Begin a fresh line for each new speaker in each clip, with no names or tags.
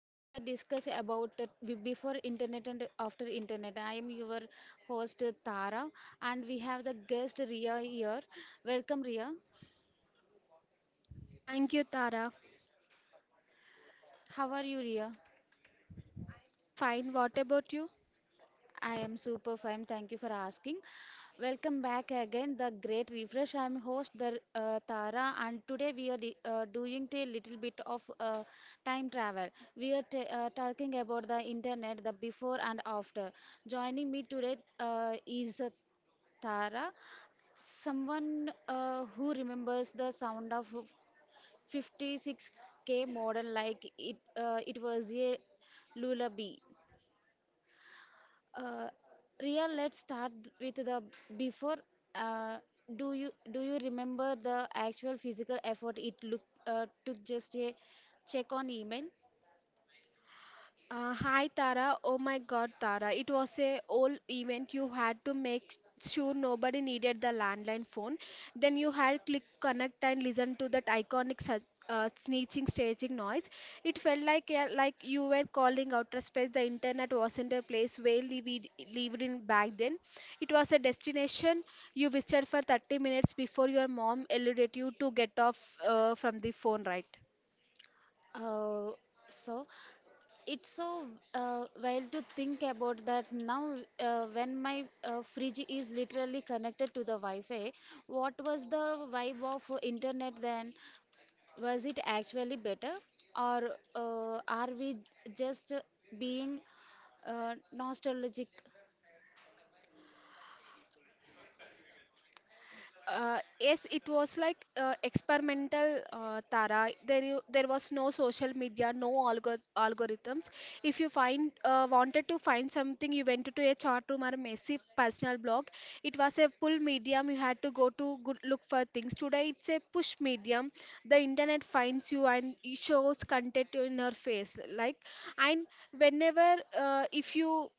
Today we are discussing about before internet and after internet. I am your host Tara, and we have the guest Ria here. Welcome Ria.
Thank you, Tara.
How are you Ria?
Fine. What about you?
I am super fine. Thank you for asking. Welcome back again, the great refresh. I'm host the Tara, and today we are doing a little bit of time travel. We are talking about the internet, the before and after. Joining me today is Tara, someone who remembers the sound of 56k model like it was a lullaby. uh, Ria, let's start with the before. Uh, do you remember the actual physical effort it look took just a check on email?
Hi, Tara. Oh my God, Tara. It was a old event. You had to make sure nobody needed the landline phone. Then you had click connect and listen to that iconic sneezing, staging noise. It felt like you were calling outer space. The internet wasn't a place where we lived in back then. It was a destination you visited for 30 minutes before your mom allowed you to get off from the phone, right?
Uh, so it's so wild to think about that now when my fridge is literally connected to the Wi-Fi. What was the vibe of internet then? Was it actually better or are we just being nostalgic?
Yes, it was like experimental, Tara. There was no social media, no algorithms. If you find wanted to find something, you went to a chat room or a massive personal blog. It was a pull medium. You had to go to good look for things. Today, it's a push medium. The internet finds you and it shows content in your face. Like, and Whenever if you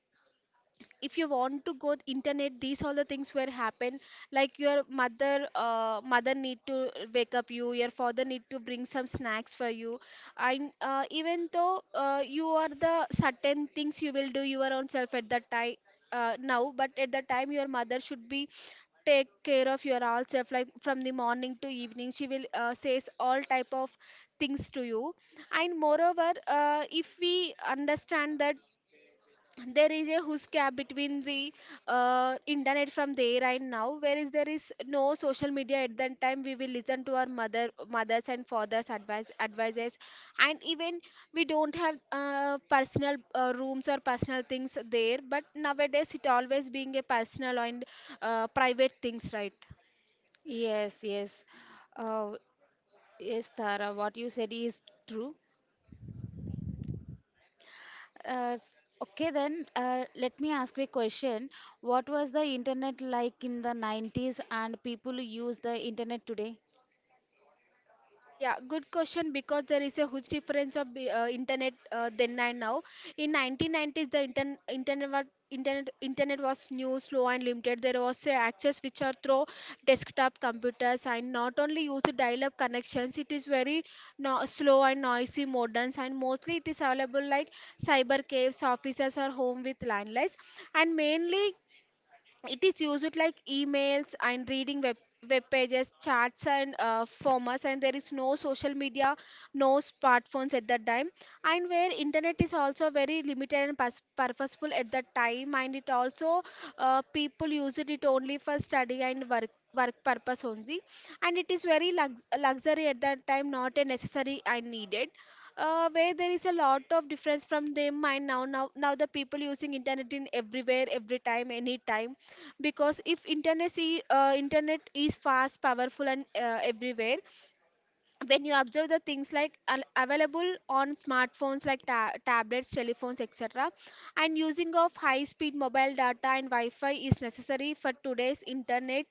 if you want to go internet, these all the things will happen, like your mother need to wake up you, your father need to bring some snacks for you, and even though you are the certain things you will do your own self at that time, now. But at that time your mother should be take care of your all self, like from the morning to evening she will says all type of things to you. And moreover if we understand that there is a huge gap between the internet from there and now, whereas there is no social media at that time, we will listen to our mothers and fathers advices. And even we don't have personal rooms or personal things there, but nowadays it always being a personal and private things, right?
Yes, yes. Uh, yes, Tara, what you said is true. Okay, then let me ask you a question. What was the internet like in the 90s and people use the internet today?
Yeah, good question, because there is a huge difference of internet then and now. In 1990s, the internet was internet was new, slow and limited. There was access which are through desktop computers and not only used dial-up connections. It is very no, slow and noisy modern, and mostly it is available like cyber caves, offices or home with landlines. And mainly it is used like emails and reading web pages, chats, and formats. And there is no social media, no smartphones at that time. And where internet is also very limited and purposeful at that time. And it also people used it only for study and work purpose only. And it is very luxury at that time, not a necessary and needed, where there is a lot of difference from them and now. Now the people using internet in everywhere every time any, because if internet is fast, powerful and everywhere. When you observe the things like available on smartphones like tablets, telephones, etc., and using of high speed mobile data and wi-fi is necessary for today's internet.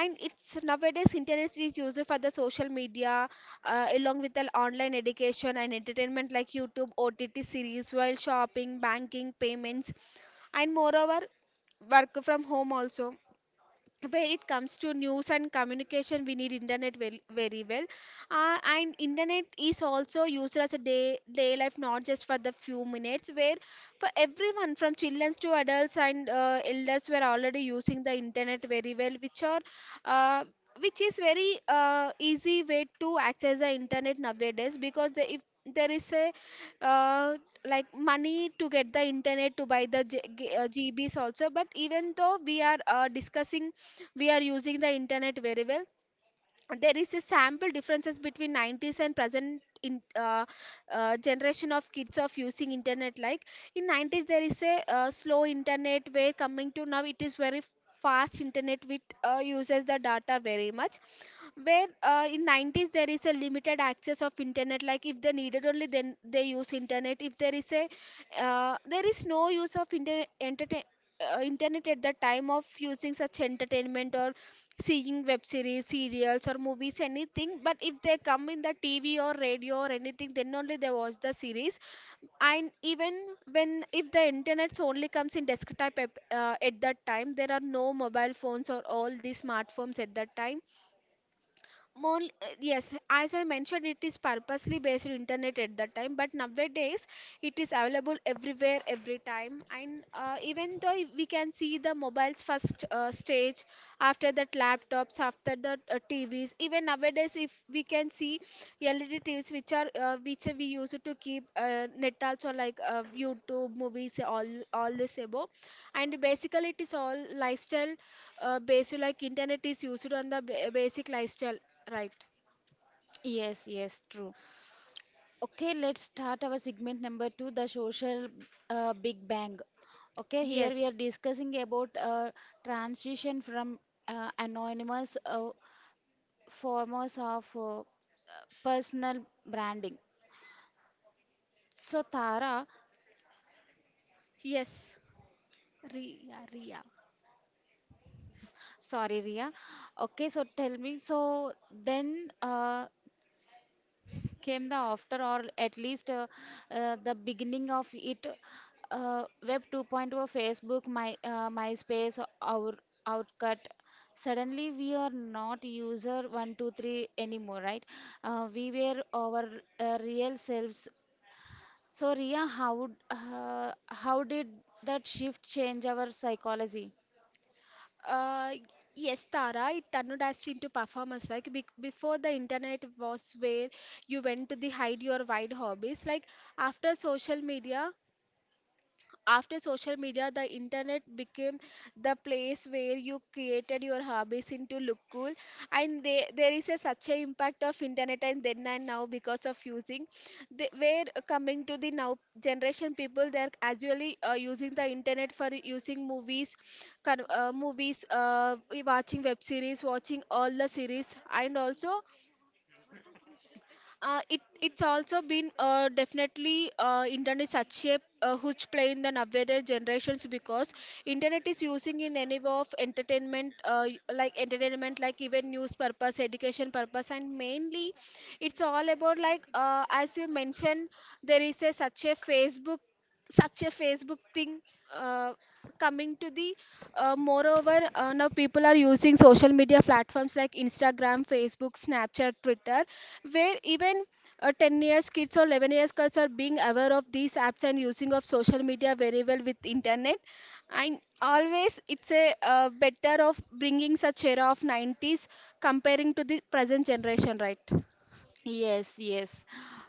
And it's nowadays internet is used for the social media, along with the online education and entertainment like youtube, ott series, while shopping, banking, payments, and moreover work from home also. Where it comes to news and communication, we need internet very, very well. And internet is also used as a day life, not just for the few minutes, where for everyone from children to adults and elders were already using the internet very well, which are uh, which is very easy way to access the internet nowadays. Because if there is a uh, like money to get the internet to buy the GBs also. But even though we are discussing, we are using the internet very well. There is a sample differences between 90s and present in generation of kids of using internet. Like in 90s there is a slow internet, where coming to now it is very fast internet, which uses the data very much. Where in 90s there is a limited access of internet, like if they needed only then they use internet. If there is a there is no use of internet at the time of using such entertainment or seeing web series, serials or movies anything. But if they come in the tv or radio or anything, then only they watch the series. And even when if the internet only comes in desktop app, at that time there are no mobile phones or all these smartphones at that time. Yes, as I mentioned, it is purposely based on internet at that time, but nowadays it is available everywhere, every time. And even though we can see the mobiles first stage, after that laptops, after that tvs. Even nowadays if we can see led tvs, which are which we use to keep net also, like youtube, movies, all this above. And basically it is all lifestyle, based, like internet is used on the basic lifestyle, right?
Yes, yes, true. Okay, let's start our segment number two, the social Big Bang. Okay, here we are
Yes,
discussing about transition from anonymous forms of personal branding. So Tara,
yes. Ria,
sorry Ria. Okay, so tell me. So then, came the after or at least the beginning of it, web 2.0, facebook, my myspace, our outcut. Suddenly we are not user 123 anymore, right? We were our real selves. So Ria, how did that shift change our psychology?
Uh, yes, Tara, it turned us into performers. Like be before the internet was where you went to the hide your wide hobbies. Like after social media, after social media, the internet became the place where you created your hobbies into look cool. And there is a such a impact of internet and then and now because of using. Where coming to the now generation people, they are actually using the internet for using movies, movies, we watching web series, watching all the series, and also it's also been definitely internet such a huge play in the nowadays generations, because internet is using in any way of entertainment, like entertainment, like even news purpose, education purpose, and mainly it's all about, like, as you mentioned, there is a such a Facebook thing. uh, Coming to the moreover, now people are using social media platforms like instagram, facebook, snapchat, twitter, where even 10 years kids or 11 years kids are being aware of these apps and using of social media very well with internet. And always it's a better of bringing such era of 90s comparing to the present generation, right?
Yes, yes,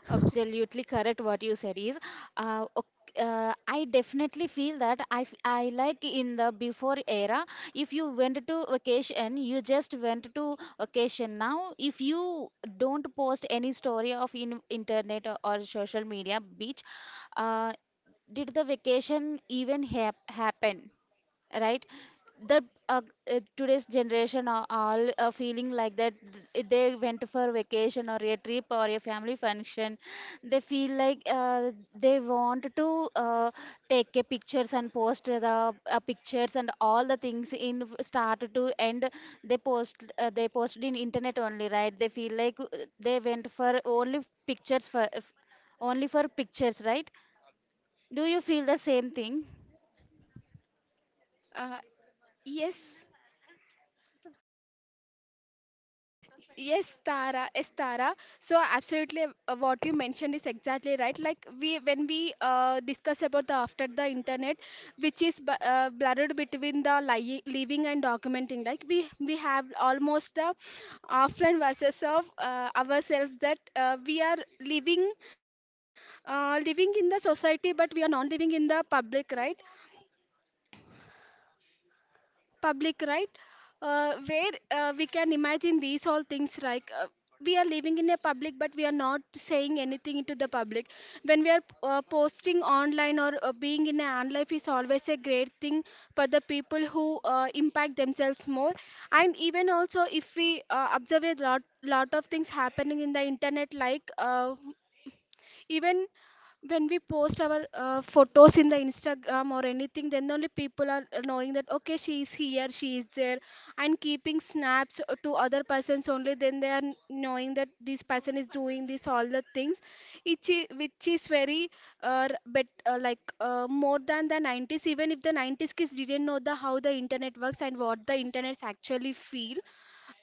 absolutely correct. What you said is, uh, ok- I definitely feel that I like in the before era, if you went to vacation, you just went to vacation. Now, if you don't post any story of in internet or social media, beach, uh, did the vacation even happen? Right, the uh, today's generation are all feeling like that, they went for vacation or a trip or a family function. They feel like they want to take a pictures and post the pictures and all the things in start to end. They post they posted in internet only, right? They feel like they went for pictures for f- only for pictures, right? Do you feel the same thing?
uh, yes. Yes, Tara, yes, Tara. So absolutely, what you mentioned is exactly right. Like when we discuss about the after the internet, which is blurred between the living and documenting. Like we have almost the offline versus of ourselves, that we are living in the society, but we are not living in the public, right? Uh, where we can imagine these all things, like we are living in a public but we are not saying anything to the public. When we are posting online or being in an life is always a great thing for the people who impact themselves more. And even also if we observe a lot of things happening in the internet, like even when we post our photos in the instagram or anything, then only people are knowing that okay she is here she is there. And keeping snaps to other persons, only then they are knowing that this person is doing this all the things. Which is very but like more than the 90s. Even if the 90s kids didn't know the how the internet works and what the internets actually feel.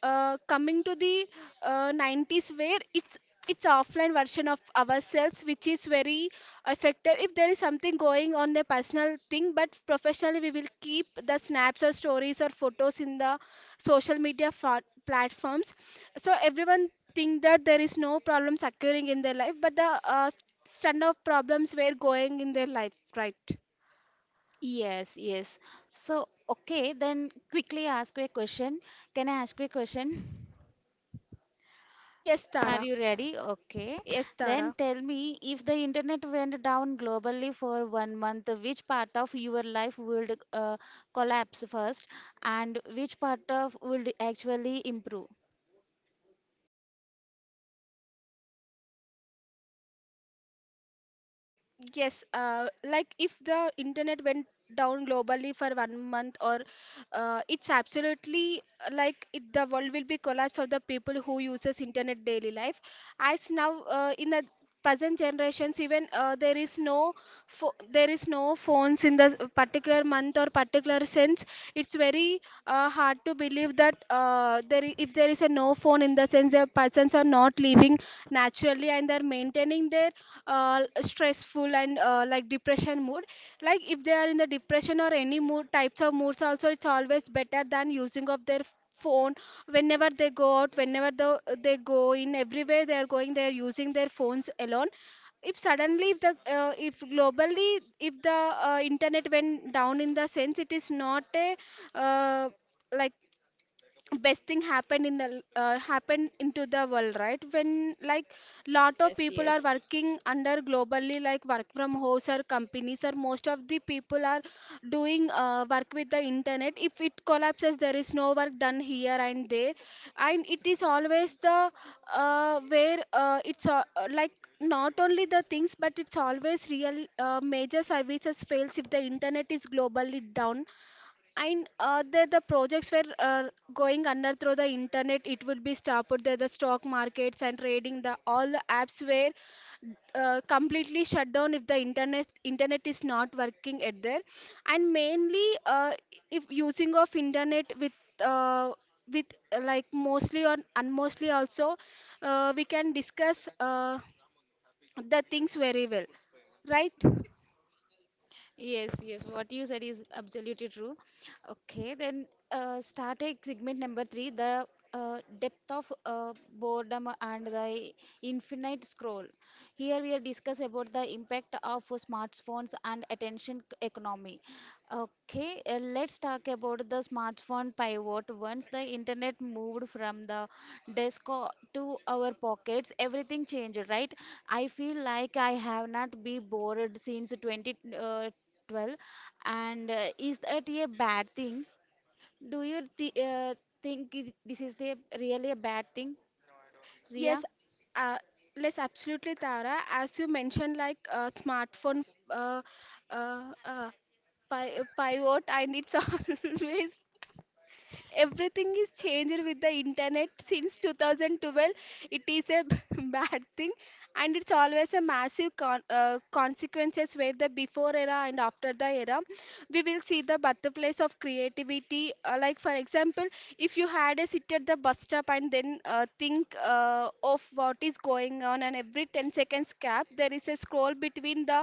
Coming to the 90s, where it's offline version of ourselves, which is very effective. If there is something going on the personal thing, but professionally we will keep the snaps or stories or photos in the social media platforms. So everyone think that there is no problems occurring in their life, but the stand of problems were going in their life, right?
Yes, yes. So, okay, then quickly ask a question. Can I ask you a question?
Yes,
Are
Tara.
you ready? Okay.
Yes,
Then
Tara.
tell me, if the internet went down globally for 1 month, which part of your life would collapse first, and which part of would actually improve?
Yes, like if the internet went down globally for 1 month, or it's absolutely like it, the world will be collapse of the people who uses internet daily life. As now, in the present generations, even, there is no there is no phones in the particular month or particular sense. It's very hard to believe that if there is a no phone in the sense, the persons are not living naturally, and they're maintaining their stressful and like depression mood. Like if they are in the depression or any mood types of moods, also it's always better than using of their phone whenever they go out, whenever they go in, everywhere they are going they are using their phones alone. If suddenly, if the if globally if the internet went down, in the sense it is not a uh, like best thing happened in the happened into the world, right? When like lot of
Yes,
people are
yes.
working under globally, like work from house or companies, or most of the people are doing work with the internet. If it collapses there is no work done here and there. And it is always the where it's like not only the things, but it's always real major services fails if the internet is globally down. And the projects were going under through the internet. It would be stopped. The stock markets and trading. The all the apps were completely shut down if the internet is not working at there. And mainly, if using of internet uh, with like mostly or unmostly also, we can discuss the things very well, right?
Yes, yes, what you said is absolutely true. Okay, then start a segment number three, the depth of boredom and the infinite scroll. Here we are discuss about the impact of smartphones and attention economy. Okay, let's talk about the smartphone pivot. Once the internet moved from the to our pockets, everything changed, right? I feel like I have not been bored since 2012. And is that a bad thing? Do you th think this is the really a bad thing, Ria?
Yes, uh, yes, absolutely, Tara. As you mentioned, like smartphone, uh, uh, uh, pivot, and it's always. Everything is changed with the internet since 2012. It is a bad thing, and it's always a massive consequences where the before era and after the era. We will see the birthplace of creativity. Like for example, if you had a sit at the bus stop and then think of what is going on, and every 10 seconds gap there is a scroll between the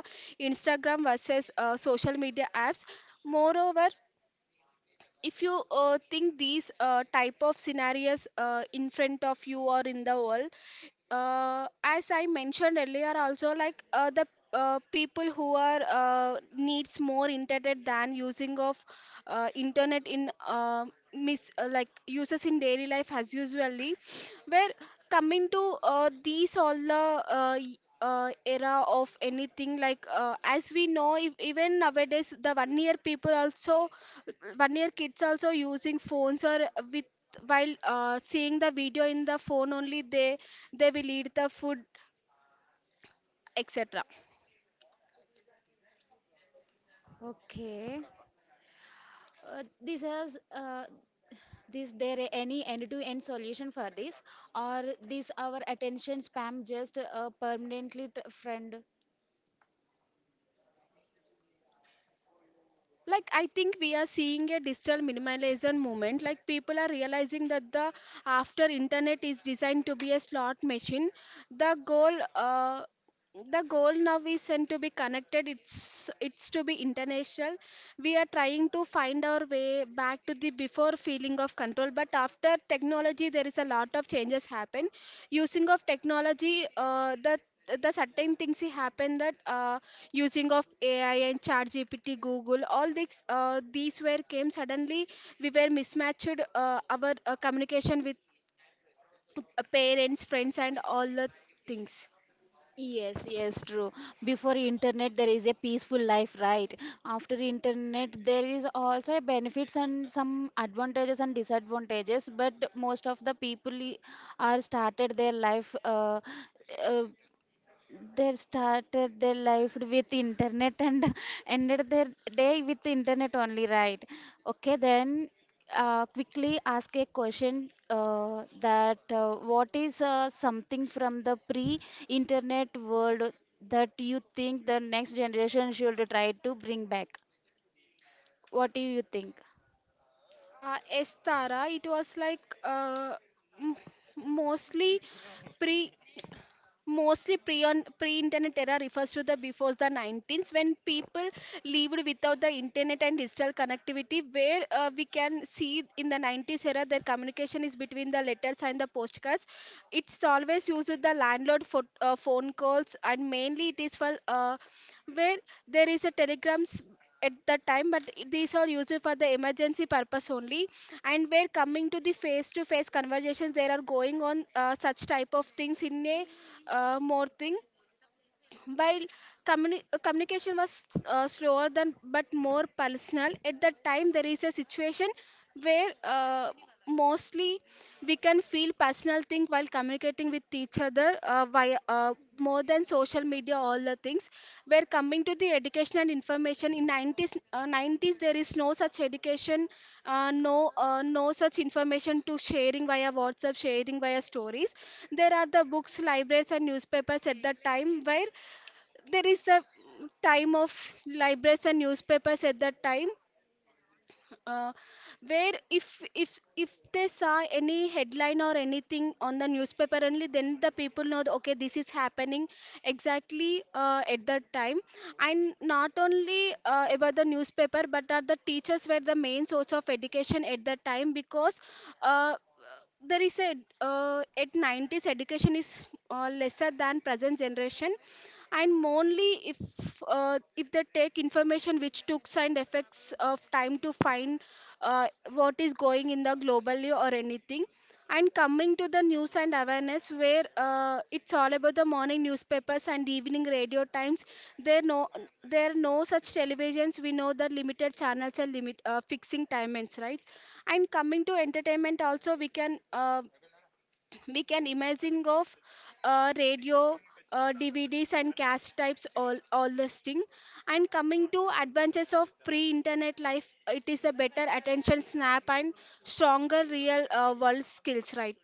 Instagram versus social media apps. Moreover, if you think these type of scenarios in front of you or in the world, as I mentioned earlier also, like the people who are needs more internet than using of internet in like uses in daily life as usually, where coming to these all the era of anything, like as we know, if even nowadays the 1 year people also 1 year kids also using phones, or with while seeing the video in the phone only, they will eat the food, etc.
Okay. This has this there any end-to-end solution for this, or this our attention spam just permanently friend?
Like I think we are seeing a digital minimalism movement. Like people are realizing that the after internet is designed to be a slot machine. The goal, the goal now isn't to be connected, it's to be international. We are trying to find our way back to the before feeling of control, but after technology there is a lot of changes happen. Using of technology, the certain things happen that using of AI and ChatGPT, Google, all these, these were came suddenly. We were mismatched our communication with uh, parents, friends, and all the things.
Yes, yes, true. Before internet, there is a peaceful life, right? After internet, there is also a benefits and some advantages and disadvantages. But most of the people are started their life uh, they started their life with internet and ended their day with internet only, right? Okay, then quickly ask a question, that what is something from the pre internet world that you think the next generation should try to bring back? What do you think?
Estara, it was like m- mostly pre mostly pre-internet era refers to the before the 19s when people lived without the internet and digital connectivity, where we can see in the 90s era their communication is between the letters and the postcards. It's always used with the landlord for phone calls, and mainly it is for where there is a telegrams at that time, but these are used for the emergency purpose only. And when coming to the face to face conversations, there are going on such type of things in a more thing, while communication was slower than but more personal. At that time there is a situation where mostly we can feel personal thing while communicating with each other via more than social media, all the things, where coming to the education and information in 90s, 90s there is no such education, no no such information to sharing via whatsapp, sharing via stories. There are the books, libraries and newspapers at that time, where there is a time of libraries and newspapers at that time, uh, where if they saw any headline or anything on the newspaper, only then the people know that, okay this is happening exactly at that time. And not only about the newspaper, but that the teachers were the main source of education at that time, because uh, there is a at 90s education is lesser than present generation. And only if they take information, which tooks and effects of time to find uh, what is going in the globally or anything. And coming to the news and awareness, where it's all about the morning newspapers and evening radio times. There no there are no such televisions. We know the limited channels and limit fixing timings, right? And coming to entertainment, also we can imagine of radio. DVDs and cast types, all this thing, and coming to advantages of pre-internet life, it is a better attention snap and stronger real world skills, right?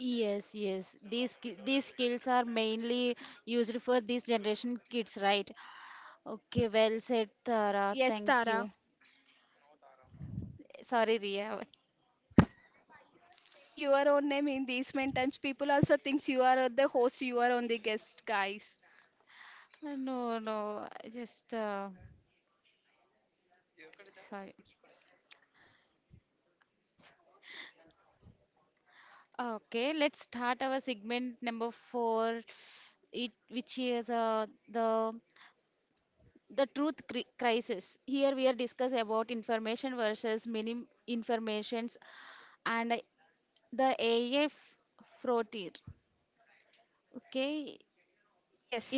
Yes, yes. These skills are mainly used for this generation kids, right? Okay, well said, Tara.
Yes,
Thank
Tara.
you. Sorry, Ria.
Saying your own name in these many times, people also thinks you are the host, you are on the guest, guys.
No, no, I just sorry. Okay, let's start our segment number four, it which is the the truth crisis. Here we are discuss about information versus many informations and the AI frontier. Okay,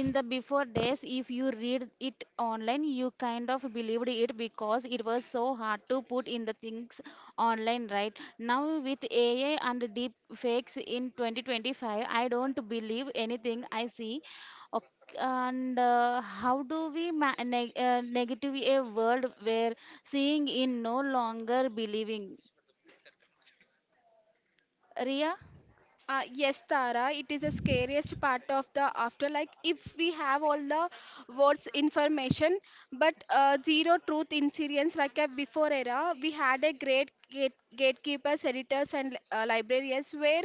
in the before days if you read it online you kind of believed it because it was so hard to put in the things online. Right now with ai and deep fakes in 2025, I don't believe anything I see. And how do we negative a world where seeing in no longer believing, Ria?
Yes, Tara, it is the scariest part of the afterlife. If we have all the words information, but zero truth incidents. Like a before era, we had a great gatekeepers, editors, and librarians, where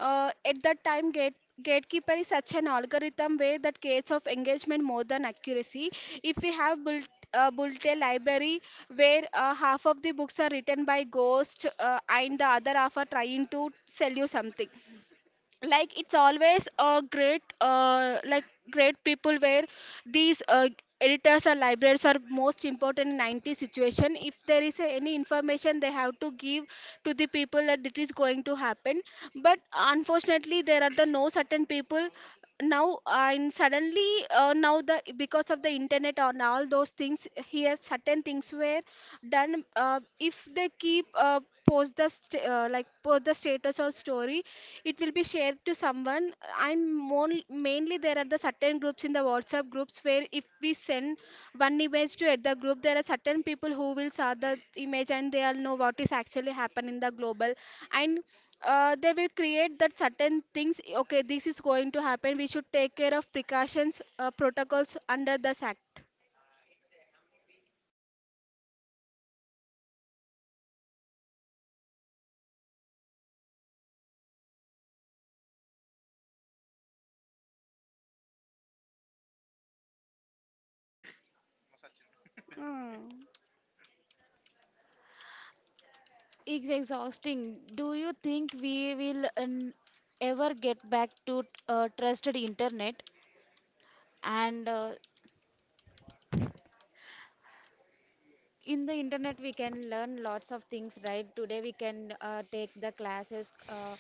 at that time gatekeeper is such an algorithm way that creates of engagement more than accuracy. If we have built built a library where half of the books are written by ghosts, and the other half are trying to sell you something. Like it's always a great, like great people, where these, editors or librarians are most important in 90 situation. If there is any information they have to give to the people that it is going to happen. But unfortunately there are the no certain people now, and suddenly, now the because of the internet and all those things, here certain things were done, if they keep post the like post the status or story, it will be shared to someone. And more, mainly there are the certain groups in the whatsapp groups, where if we send one image to the group, there are certain people who will saw the image and they'll know what is actually happen in the global. And they will create that certain things, okay this is going to happen, we should take care of precautions, protocols under this act. Mm.
It's exhausting. Do you think we will ever get back to trusted internet? And in the internet, we can learn lots of things, right? Today, we can take the classes.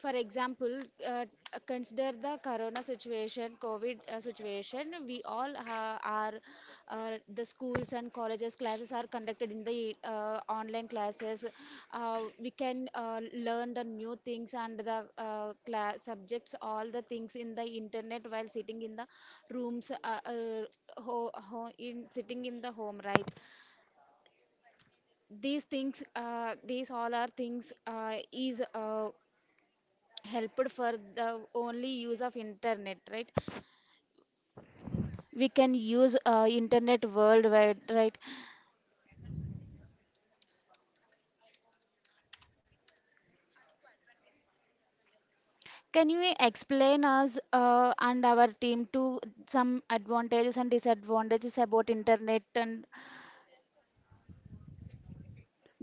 For example, uh, consider the corona situation, COVID situation. We all ha are, The schools and colleges classes are conducted in the online classes. We can learn the new things and the class subjects, all the things in the internet while sitting in the rooms, ho ho in sitting in the home, right? These things, these all are things is helped for the only use of internet, right? We can use internet worldwide, right? Can you explain us and our team to some advantages and disadvantages about internet and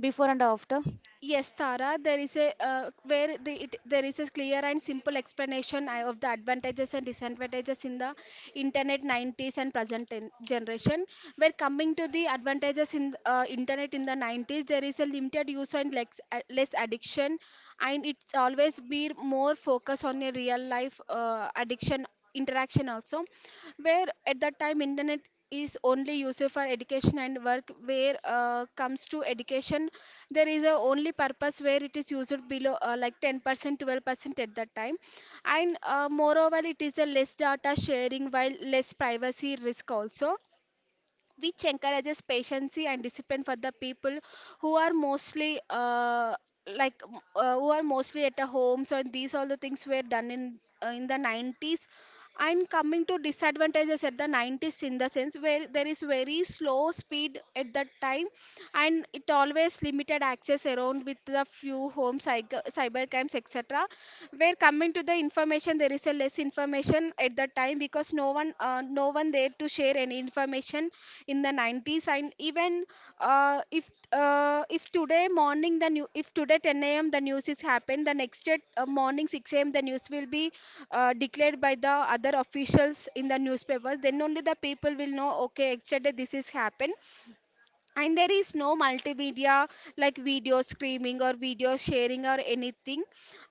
before and after?
Yes, Tara, there is a where there is a clear and simple explanation, of the advantages and disadvantages in the internet 90s and present generation. Where coming to the advantages in internet in the 90s, there is a limited use and less addiction, and it's always be more focus on a real life, addiction interaction also, where at that time internet is only used for education and work, where comes to education there is a only purpose where it is used below like 10%, 12% at that time. And moreover, it is a less data sharing while less privacy risk also, which encourages patience and discipline for the people who are mostly, who are mostly at a home, so these all the things were done in the 90s. And coming to disadvantages at the 90s, in the sense where there is very slow speed at that time, and it always limited access around with the few homes, cyber crimes, etc. Where coming to the information, there is a less information at that time because no one, no one there to share any information in the 90s. And even if today morning the new, if today 10 a.m. the news is happened, the next day morning 6 a.m. the news will be declared by the other officials in the newspapers, then only the people will know okay yesterday this is happened. And there is no multimedia like video streaming or video sharing or anything.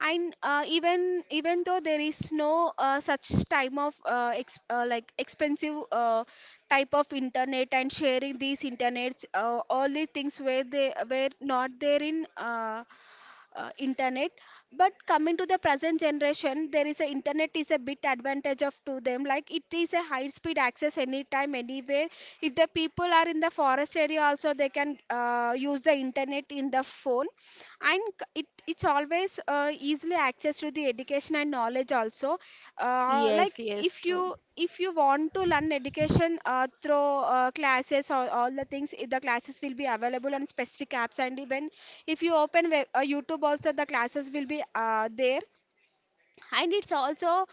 And even though there is no such time of like expensive, type of internet and sharing these internets, all the things where they were not there in internet. But coming to the present generation, there is a internet is a bit advantage of to them, like it is a high speed access anytime anywhere. If the people are in the forest area also, they can use the internet in the phone. And it it's always easily access to the education and knowledge also,
Yes,
like
yes, true.
if you want to learn education through classes or all the things, the classes will be available on specific apps. And even if you open web, youtube also the classes will be there. And it's also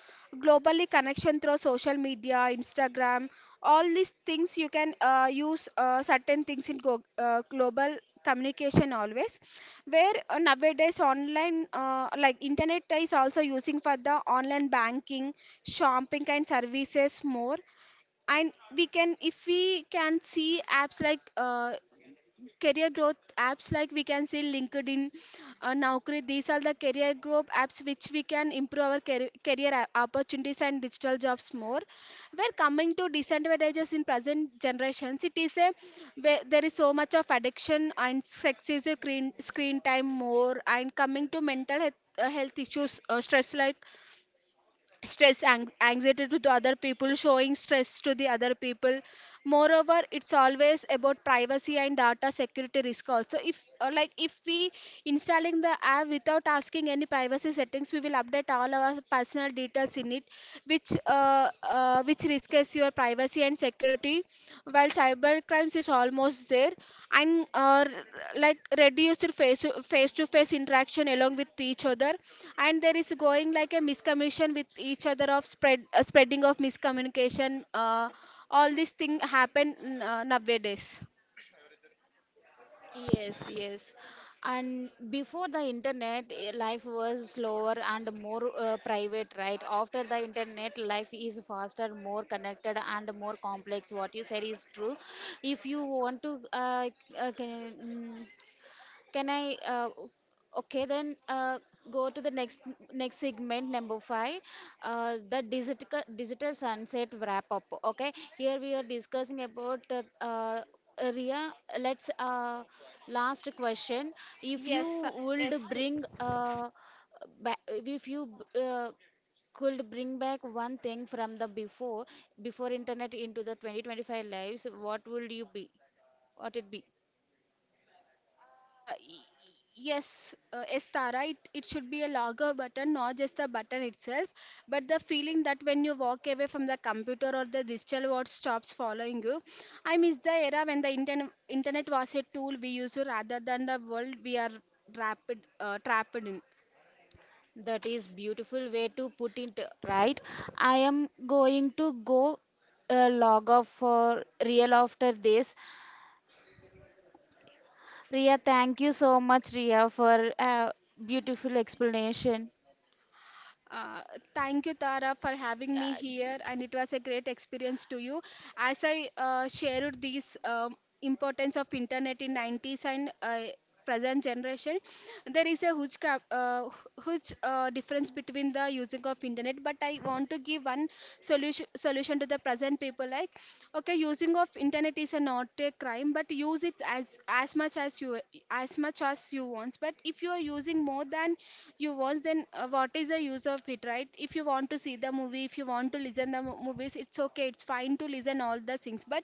globally connection through social media, instagram, all these things you can use certain things in global communication always, where nowadays online, like internet is also using for the online banking, shopping and services more. And we can, if we can see apps like career growth apps, like we can see linkedin, naukri, these are the career growth apps which we can improve our career, career opportunities and digital jobs more. We're coming to disadvantages in present generations, it is a where there is so much of addiction and excessive screen time more. And coming to mental health, health issues, stress, like stress anxiety to the other people, showing stress to the other people. Moreover, it's always about privacy and data security risk also, if like if we installing the app without asking any privacy settings, we will update all our personal details in it, which risks your privacy and security, while cyber crimes is almost there, and like reduced face to face interaction along with each other. And there is going like a miscommunication with each other, of spread spreading of miscommunication. Uh, all these things happen nowadays.
Yes, yes. And before the internet, eh, life was slower and more private, right? After the internet, life is faster, more connected, and more complex. What you said is true. If you want to, uh, can, mm, can I? Okay, then go to the next segment, number five, the digital sunset wrap up. Okay, here we are discussing about Ria. Let's last question. If you
Yes, yes,
would if you uh, could bring back one thing from the before internet into the 2025 lives, what would you be? What it be?
Uh, y- yes, Estara, it should be a lager button, not just the button itself, but the feeling that when you walk away from the computer or the digital world stops following you. I miss the era when the internet was a tool we use rather than the world we are trapped in.
That is beautiful way to put it, right? I am going to go log off for real after this. Ria, thank you so much, Ria, for a beautiful explanation.
Uh, Thank you, Tara, for having me here, and it was a great experience to you. As I shared this importance of internet in 90s and present generation, there is a huge huge difference between the using of internet. But I want to give one solution to the present people, like okay using of internet is a not a crime, but use it as as much as you want. But if you are using more than you want, then what is the use of it, right? If you want to see the movie, if you want to listen the movies, it's okay, it's fine to listen all the things, but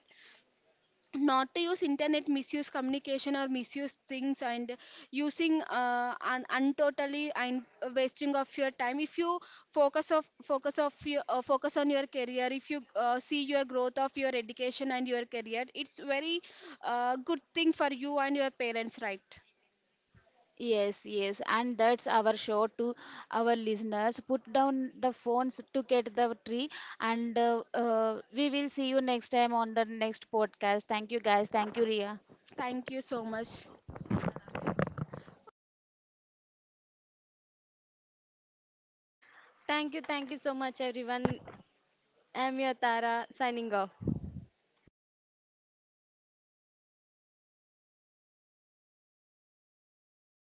not to use internet misuse communication or misuse things, and using untotally, and wasting of your time. If you focus on your career, if you see your growth of your education and your career, it's very good thing for you and your parents, right?
Yes, yes, and that's our show to our listeners. Put down the phones to get the tree, and we will see you next time on the next podcast. Thank you, guys. Thank you, Ria.
Thank you so much.